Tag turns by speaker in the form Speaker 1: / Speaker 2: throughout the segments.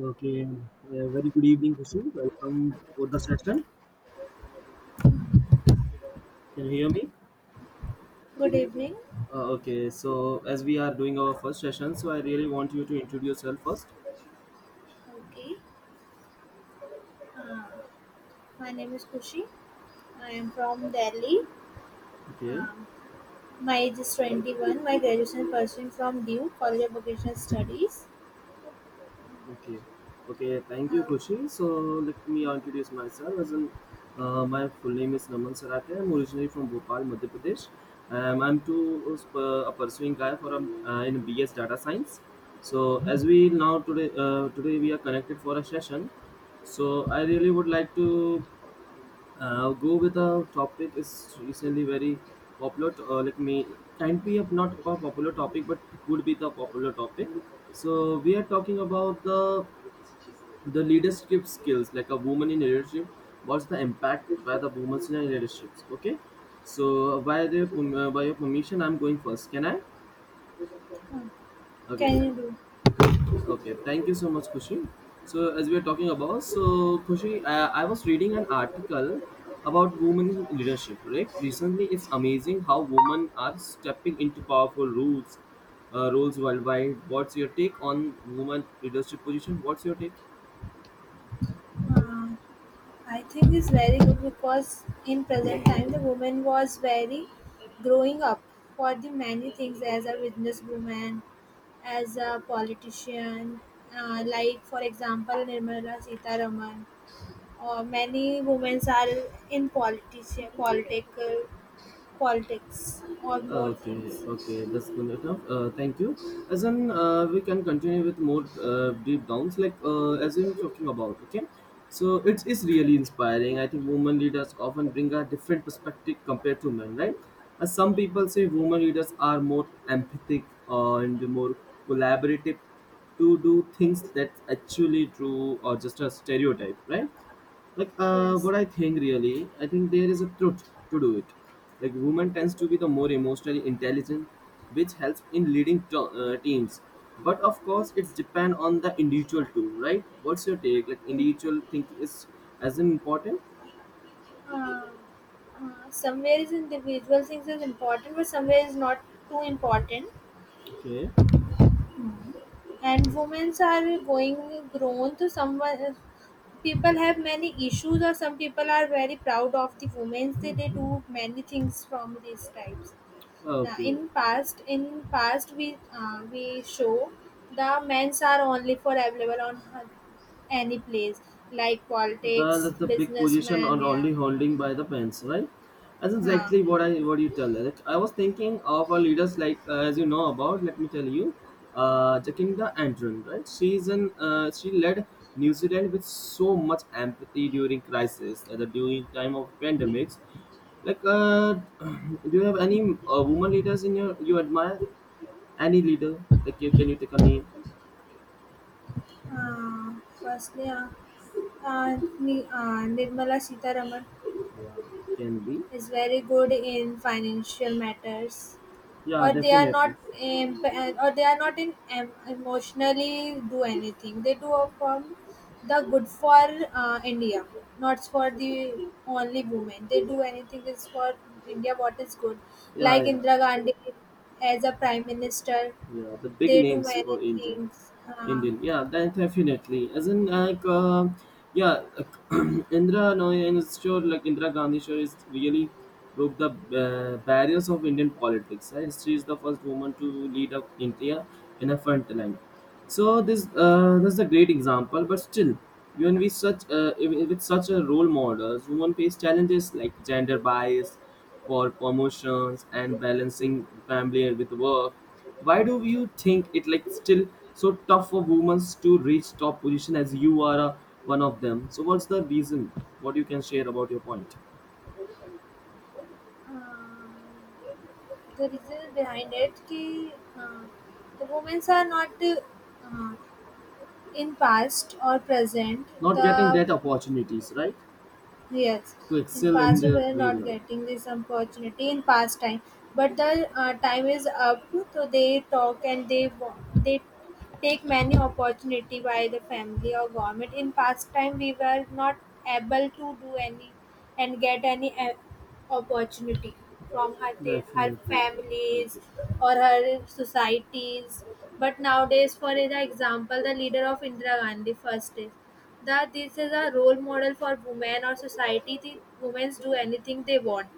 Speaker 1: Okay, very good evening, Kushi. Welcome for the session. Can you hear me?
Speaker 2: Good evening.
Speaker 1: Okay, so as we are doing our first session, so I really want you to introduce yourself first.
Speaker 2: Okay. Uh, my name is Kushi. I am from Delhi.
Speaker 1: Okay,
Speaker 2: Um, my age is 21. My graduation pursuing from DU College of Vocational Studies.
Speaker 1: okay, okay. Thank you,
Speaker 2: How
Speaker 1: Kushi. So let me introduce myself. As in, my full name is Naman Sarate. I'm originally from Bhopal, Madhya Pradesh. I'm to a pursuing guy for in BS Data Science. So as we now today we are connected for a session. So I really would like to go with a topic is recently very popular. To, like me, can't be a not a popular topic, but could be the popular topic. So we are talking about the leadership skills, like a woman in leadership. What's the impact by the women in leaderships? Okay, so by the by your permission, I'm going first. Can I?
Speaker 2: um,
Speaker 1: Okay,
Speaker 2: can you do?
Speaker 1: okay, thank you so much, Kushi. So, as we are talking about, so Kushi, I was reading an article about women in leadership. Right, recently it's amazing how women are stepping into powerful roles worldwide. What's your take on women leadership position? What's your take?
Speaker 2: Uh, I think it's very good because in present time the woman was very growing up for the many things as a businesswoman, as a politician, like for example Nirmala Sita Raman. Many women are in political politics or more
Speaker 1: Okay,
Speaker 2: things.
Speaker 1: okay, that's good enough. Thank you. As in, we can continue with more deep downs, like as in talking about. Okay, so it is really inspiring. I think women leaders often bring a different perspective compared to men, right? As some people say, women leaders are more empathic and more collaborative to do things that's actually true or just a stereotype, right? Like,
Speaker 2: Yes.
Speaker 1: what I think really I think there is a truth to do it. Like, women tends to be the more emotionally intelligent, which helps in leading teams. But of course it's depend on the individual too, right? What's your take? Like, individual think is as important.
Speaker 2: Uh, Somewhere is individual things is important, but somewhere is not too important.
Speaker 1: Okay,
Speaker 2: And women are going grown to someone. People have many issues, or some people are very proud of the women. They do many things from these types. Now,
Speaker 1: okay.
Speaker 2: in past we show the men's are only for available on any place like politics,
Speaker 1: That's the big position
Speaker 2: businessman,
Speaker 1: or
Speaker 2: yeah,
Speaker 1: only holding by the pens, right? That's
Speaker 2: huh.
Speaker 1: exactly what I what you tell. Like, I was thinking of our leaders, like, as you know about. Let me tell you, Jacinda Ardern, right? She led New Zealand with so much empathy during crisis, during time of pandemics. Like, do you have any woman leaders in your you admire? Any leader? Like, can you take a name?
Speaker 2: uh, Firstly, Nirmala Sitaraman
Speaker 1: Yeah, can be.
Speaker 2: is very good in financial matters,
Speaker 1: Yeah,
Speaker 2: or they are not
Speaker 1: definitely.
Speaker 2: or they are not in emotionally do anything. They do from the good for India, not for the only women. They do anything is for India what is good,
Speaker 1: Yeah,
Speaker 2: like
Speaker 1: yeah.
Speaker 2: Indira Gandhi as a prime minister.
Speaker 1: Yeah, the big
Speaker 2: They do
Speaker 1: names
Speaker 2: many
Speaker 1: for Indian,
Speaker 2: things. uh,
Speaker 1: Indian. Yeah, that definitely. As in, like, yeah, like, Indira no, and it's sure, like Indira Gandhi, sure is really broke the barriers of Indian politics. Right, she is the first woman to lead up India in a front line. So this is a great example. But still, even with such a role models, women face challenges like gender bias, for promotions and balancing family with work. Why do you think it like still so tough for women to reach top position, as you are one of them? So what's the reason? What you can share about your point?
Speaker 2: uh, the reason behind it ki, uh, the women are not, in past or present
Speaker 1: Not getting
Speaker 2: the.
Speaker 1: that opportunities, right?
Speaker 2: Yes,
Speaker 1: To
Speaker 2: in
Speaker 1: excel in
Speaker 2: past we
Speaker 1: their
Speaker 2: were
Speaker 1: real
Speaker 2: not
Speaker 1: life.
Speaker 2: getting this opportunity in past time, but the time is up, so they talk and they take many opportunity by the family or government. In past time, we were not able to do any and get any opportunity from her her
Speaker 1: Definitely. Yeah.
Speaker 2: families
Speaker 1: Okay.
Speaker 2: or her societies. But nowadays, for the example, the leader of Indira Gandhi first is. That this is a role model for women or society, the women do anything they want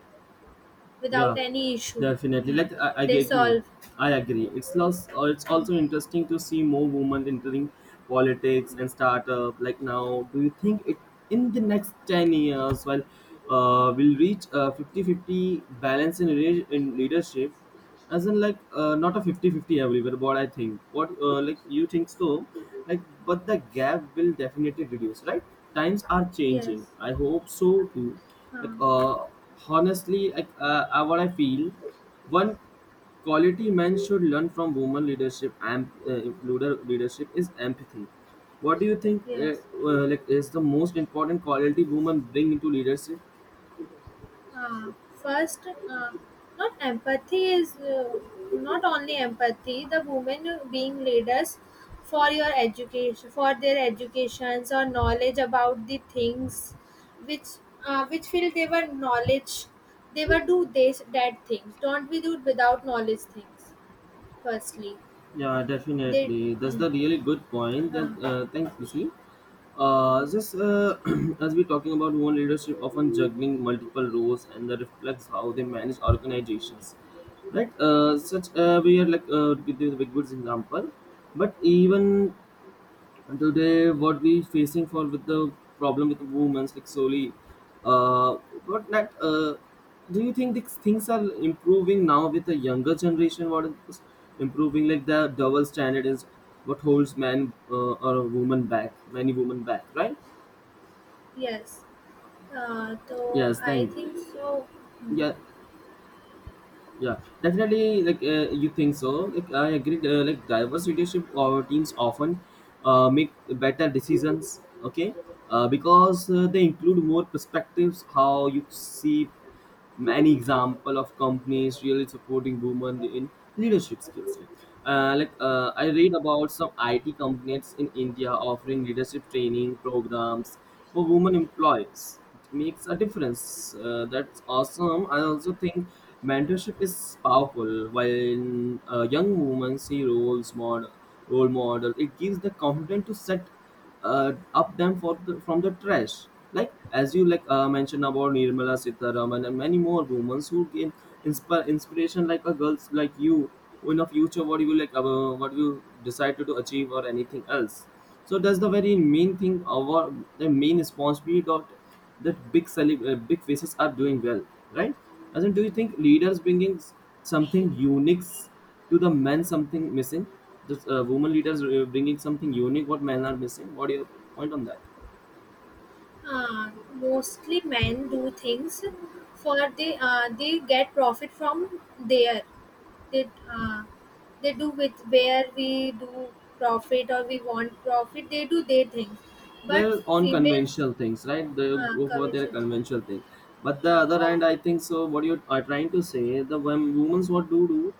Speaker 1: Yeah,
Speaker 2: without any issue.
Speaker 1: definitely.
Speaker 2: Yeah.
Speaker 1: Like, I
Speaker 2: They
Speaker 1: agree.
Speaker 2: solve.
Speaker 1: I agree. It's also interesting to see more women entering politics and startup. Like now, do you think it in the next 10 years, while we'll reach a 50-50 balance in leadership? As in, like, not a 50 50 everywhere, what I think what like you think so. Like, but the gap will definitely reduce, right? Times are
Speaker 2: Yes.
Speaker 1: changing. I hope so too.
Speaker 2: uh,
Speaker 1: Like, honestly like what I feel, one quality men should learn from women leadership and, leadership is empathy. What do you think,
Speaker 2: yes
Speaker 1: like, is the most important quality women bring into leadership?
Speaker 2: uh, First, not empathy is, not only empathy the women being leaders, for your education, for their educations or knowledge about the things which, which feel they were knowledge. They were do this that things don't be do without knowledge things, firstly.
Speaker 1: Yeah,
Speaker 2: They.
Speaker 1: definitely. That's
Speaker 2: Mm.
Speaker 1: the really good point. Then,
Speaker 2: Huh.
Speaker 1: thanks, Kisi. Just as we're talking about women leadership, often juggling multiple roles, and that reflects how they manage organizations. Right? Such we are, like, to give you a big good example, but even and today, what we facing for with the problem with the women's like solely, uh, but that do you think these things are improving now with the younger generation? What is improving like the double standard is what holds man or a woman back, many women back, right?
Speaker 2: Yes. So
Speaker 1: Yes,
Speaker 2: I
Speaker 1: thank.
Speaker 2: think so. Mm.
Speaker 1: Yeah, yeah, definitely. Like, you think so. Like, I agree. Like, diverse leadership or teams often make better decisions. Okay. Because they include more perspectives. How you see many example of companies really supporting women in leadership skills? Like, I read about some IT companies in India offering leadership training programs for women employees. It makes a difference. That's awesome. I also think mentorship is powerful while young women see role model. It gives the confidence to set up them for from the trash. Like, as you, like, mentioned about Nirmala Sitharaman and many more women who gain inspire inspiration, like a girls like you, who in the future what you decide to achieve or anything else. So that's the very main thing. Our the main responsibility, that big big faces are doing well, right? As in, do you think leaders bringing something unique to the men, something missing? This woman leaders bringing something unique, what men are missing, what do you point on that?
Speaker 2: Mostly men do things for they, they get profit from there. They uh, they do with where we do profit, or we want profit. They do their things, but
Speaker 1: They're on
Speaker 2: females
Speaker 1: conventional things, right? They go for their
Speaker 2: covet.
Speaker 1: conventional thing. But the
Speaker 2: Uh,
Speaker 1: other hand,
Speaker 2: oh,
Speaker 1: I think so, what you are trying to say, the women's, what do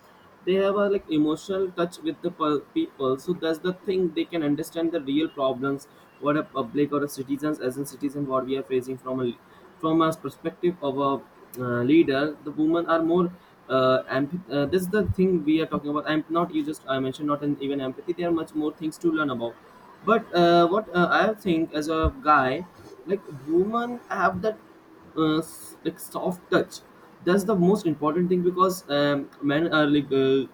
Speaker 1: they have? A like emotional touch with the people, so that's the thing, they can understand the real problems, what a public or a citizens, as a citizen, what we are facing, from a perspective of a leader. The women are more this is the thing we are talking about. I'm not, you just, I mentioned not in, even empathy there are much more things to learn about. But what I think as a guy, like, women have that like soft touch. That's the most important thing, because men are like, uh,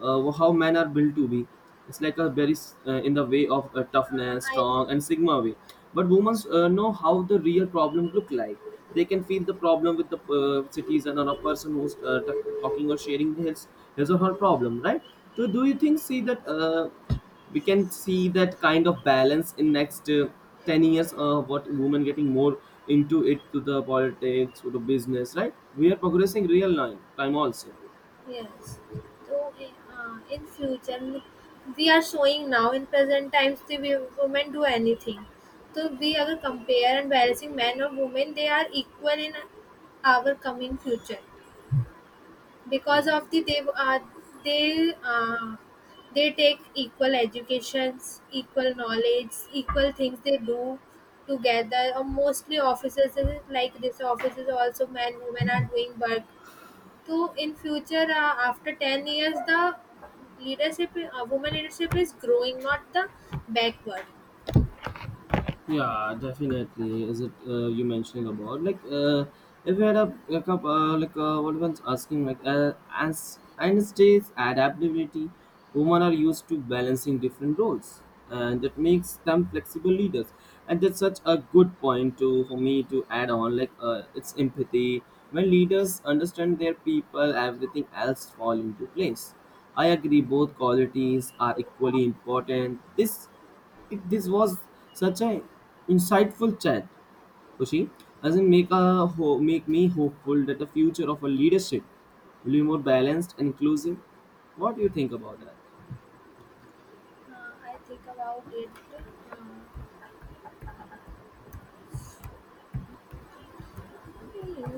Speaker 1: uh, how men are built to be. It's like a very in the way of toughness,
Speaker 2: I.
Speaker 1: strong, and sigma way. But women know how the real problem look like. They can feel the problem with the citizen or a person who's talking or sharing his or her problem, right? So, do you think see that? We can see that kind of balance in next 10 years, what women getting more into it, to the politics, to the business, right? We are progressing real time also.
Speaker 2: Yes. So in future, we are showing now in present times the women do anything. So we अगर compare and balancing men or women, they are equal in our coming future because of the they uh, they take equal educations, equal knowledge, equal things they do together. Or mostly offices is like this, offices also men women are doing work to. In future, after 10 years the leadership, women leadership is growing, not the backward.
Speaker 1: Yeah, definitely. Is it you mentioning about, like, if you had a like what one's asking, like, as Einstein's adaptability, women are used to balancing different roles, and that makes them flexible leaders. And that's such a good point to for me to add on. Like, it's empathy. When leaders understand their people, everything else fall into place. I agree, both qualities are equally important. This was such a insightful chat, Kushi. Doesn't make make me hopeful that the future of our leadership will be more balanced and inclusive. What do you think about that?
Speaker 2: I think about it,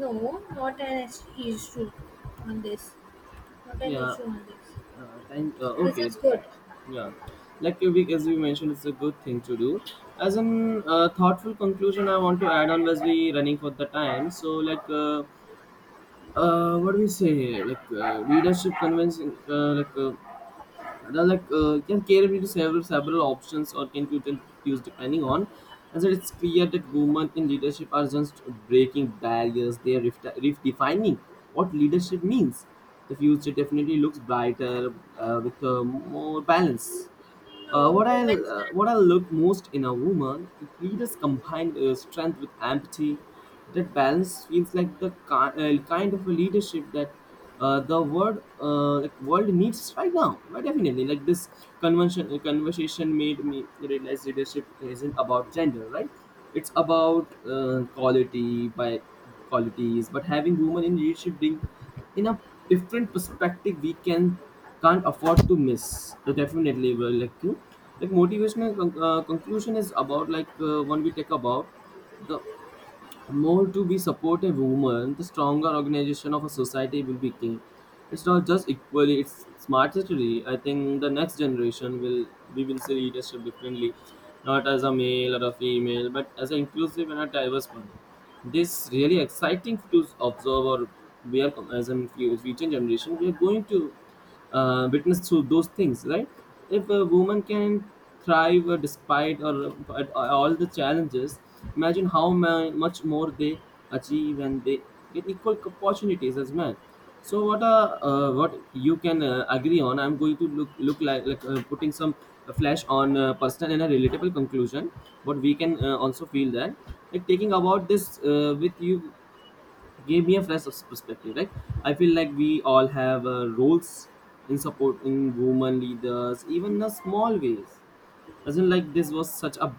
Speaker 2: no, not an issue on this. Not an
Speaker 1: Yeah.
Speaker 2: issue on this.
Speaker 1: Thank.
Speaker 2: This
Speaker 1: Okay.
Speaker 2: is good.
Speaker 1: Yeah. Like your week, as we mentioned, it's a good thing to do. As an thoughtful conclusion, I want to add on as we running for the time. So like. What do we say? Like, leadership convincing, like, Rather, like, can cater to several options or can quickly choose depending on. And so it's clear that women in leadership are just breaking barriers. They are redefining what leadership means. The future definitely looks brighter with more balance. Uh,
Speaker 2: No,
Speaker 1: what I
Speaker 2: women
Speaker 1: uh,
Speaker 2: can.
Speaker 1: what I look most in a woman, it leaders combined strength with empathy. That balance feels like the kind of a leadership that the world needs right now. But definitely, like this convention conversation made me realize leadership isn't about gender, right? It's about quality by qualities. But having women in leadership bring in a different perspective we can can't afford to miss. So definitely, well, like you, like motivational conclusion is about, like, when we talk about the more to be supportive woman, the stronger organization of a society will become. It's not just equally, it's smartly. I think the next generation will we will see leadership differently, not as a male or a female, but as an inclusive and a diverse one. This really exciting to observe, or we are, as in future generation we are going to witness through those things, right? If a woman can thrive despite or at all the challenges, imagine how much more they achieve, and they get equal opportunities as men. So what you can agree on. I'm going to look like, putting some flash on personal and a relatable conclusion. But we can also feel that, like, taking about this with you gave me a fresh perspective, right? I feel like we all have roles in supporting women leaders, even in a small ways. Doesn't, like, this was such a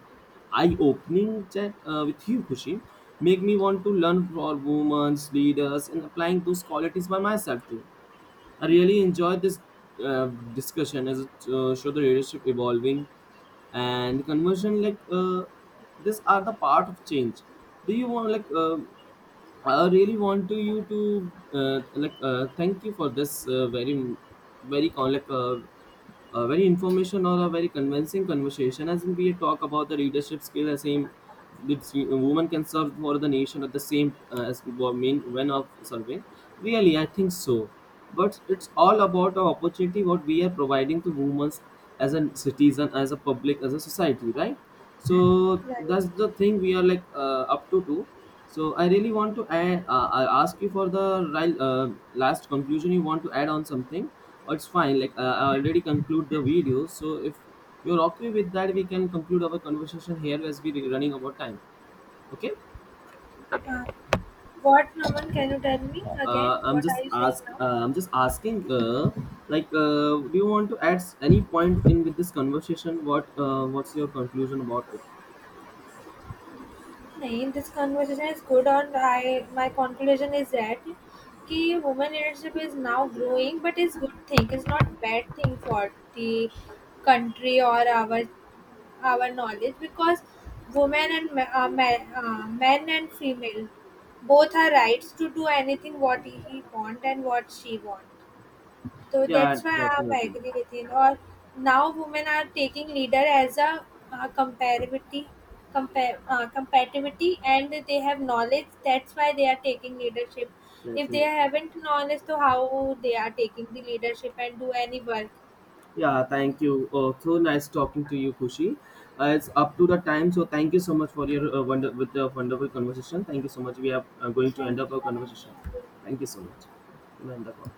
Speaker 1: eye-opening chat with you, Kushi. Make me want to learn for women's leaders and applying those qualities by myself too. I really enjoyed this uh, discussion, as it showed the leadership evolving and conversion, like, these are the part of change. Do you want, like, I really want to you to like, thank you for this very very con like very information or a very convincing conversation, as in we talk about the leadership skill as same, that women can serve for the nation at the same as main when of serving. Really, I think so. But it's all about the opportunity what we are providing to women, as a citizen, as a public, as a society, right? So that's
Speaker 2: Right.
Speaker 1: the thing we are, like, up to do. So I really want to add, I ask you for the last conclusion. You want to add on something, or it's fine. Like, I already conclude the video. So if you're okay with that, we can conclude our conversation here, as we're running over time. Okay.
Speaker 2: uh, what, Naman, can you tell me again
Speaker 1: I'm
Speaker 2: what are
Speaker 1: just
Speaker 2: you saying
Speaker 1: ask.
Speaker 2: now?
Speaker 1: I'm just asking. Like, do you want to add any point in with this conversation? What's your conclusion about it?
Speaker 2: No, this conversation is good, and I my conclusion is that, that woman leadership is now growing, but it's good thing. It's not bad thing for the country or our knowledge, because women and ah men and female both have rights to do anything what he want and what she want. So
Speaker 1: Yeah,
Speaker 2: that's why I
Speaker 1: definitely,
Speaker 2: agree with you. Or now women are taking leader as a comparativity, compare compatibility, and they have knowledge. That's why they are taking leadership. If they
Speaker 1: definitely.
Speaker 2: haven't knowledge, so how they are taking the leadership and do any work?
Speaker 1: Yeah, thank you. Oh, so nice talking to you, Kushi. It's up to the time, so thank you so much for your wonder with the wonderful conversation. Thank you so much. We are going to end
Speaker 2: Thank
Speaker 1: up our conversation. Thank you so much. You may end the call.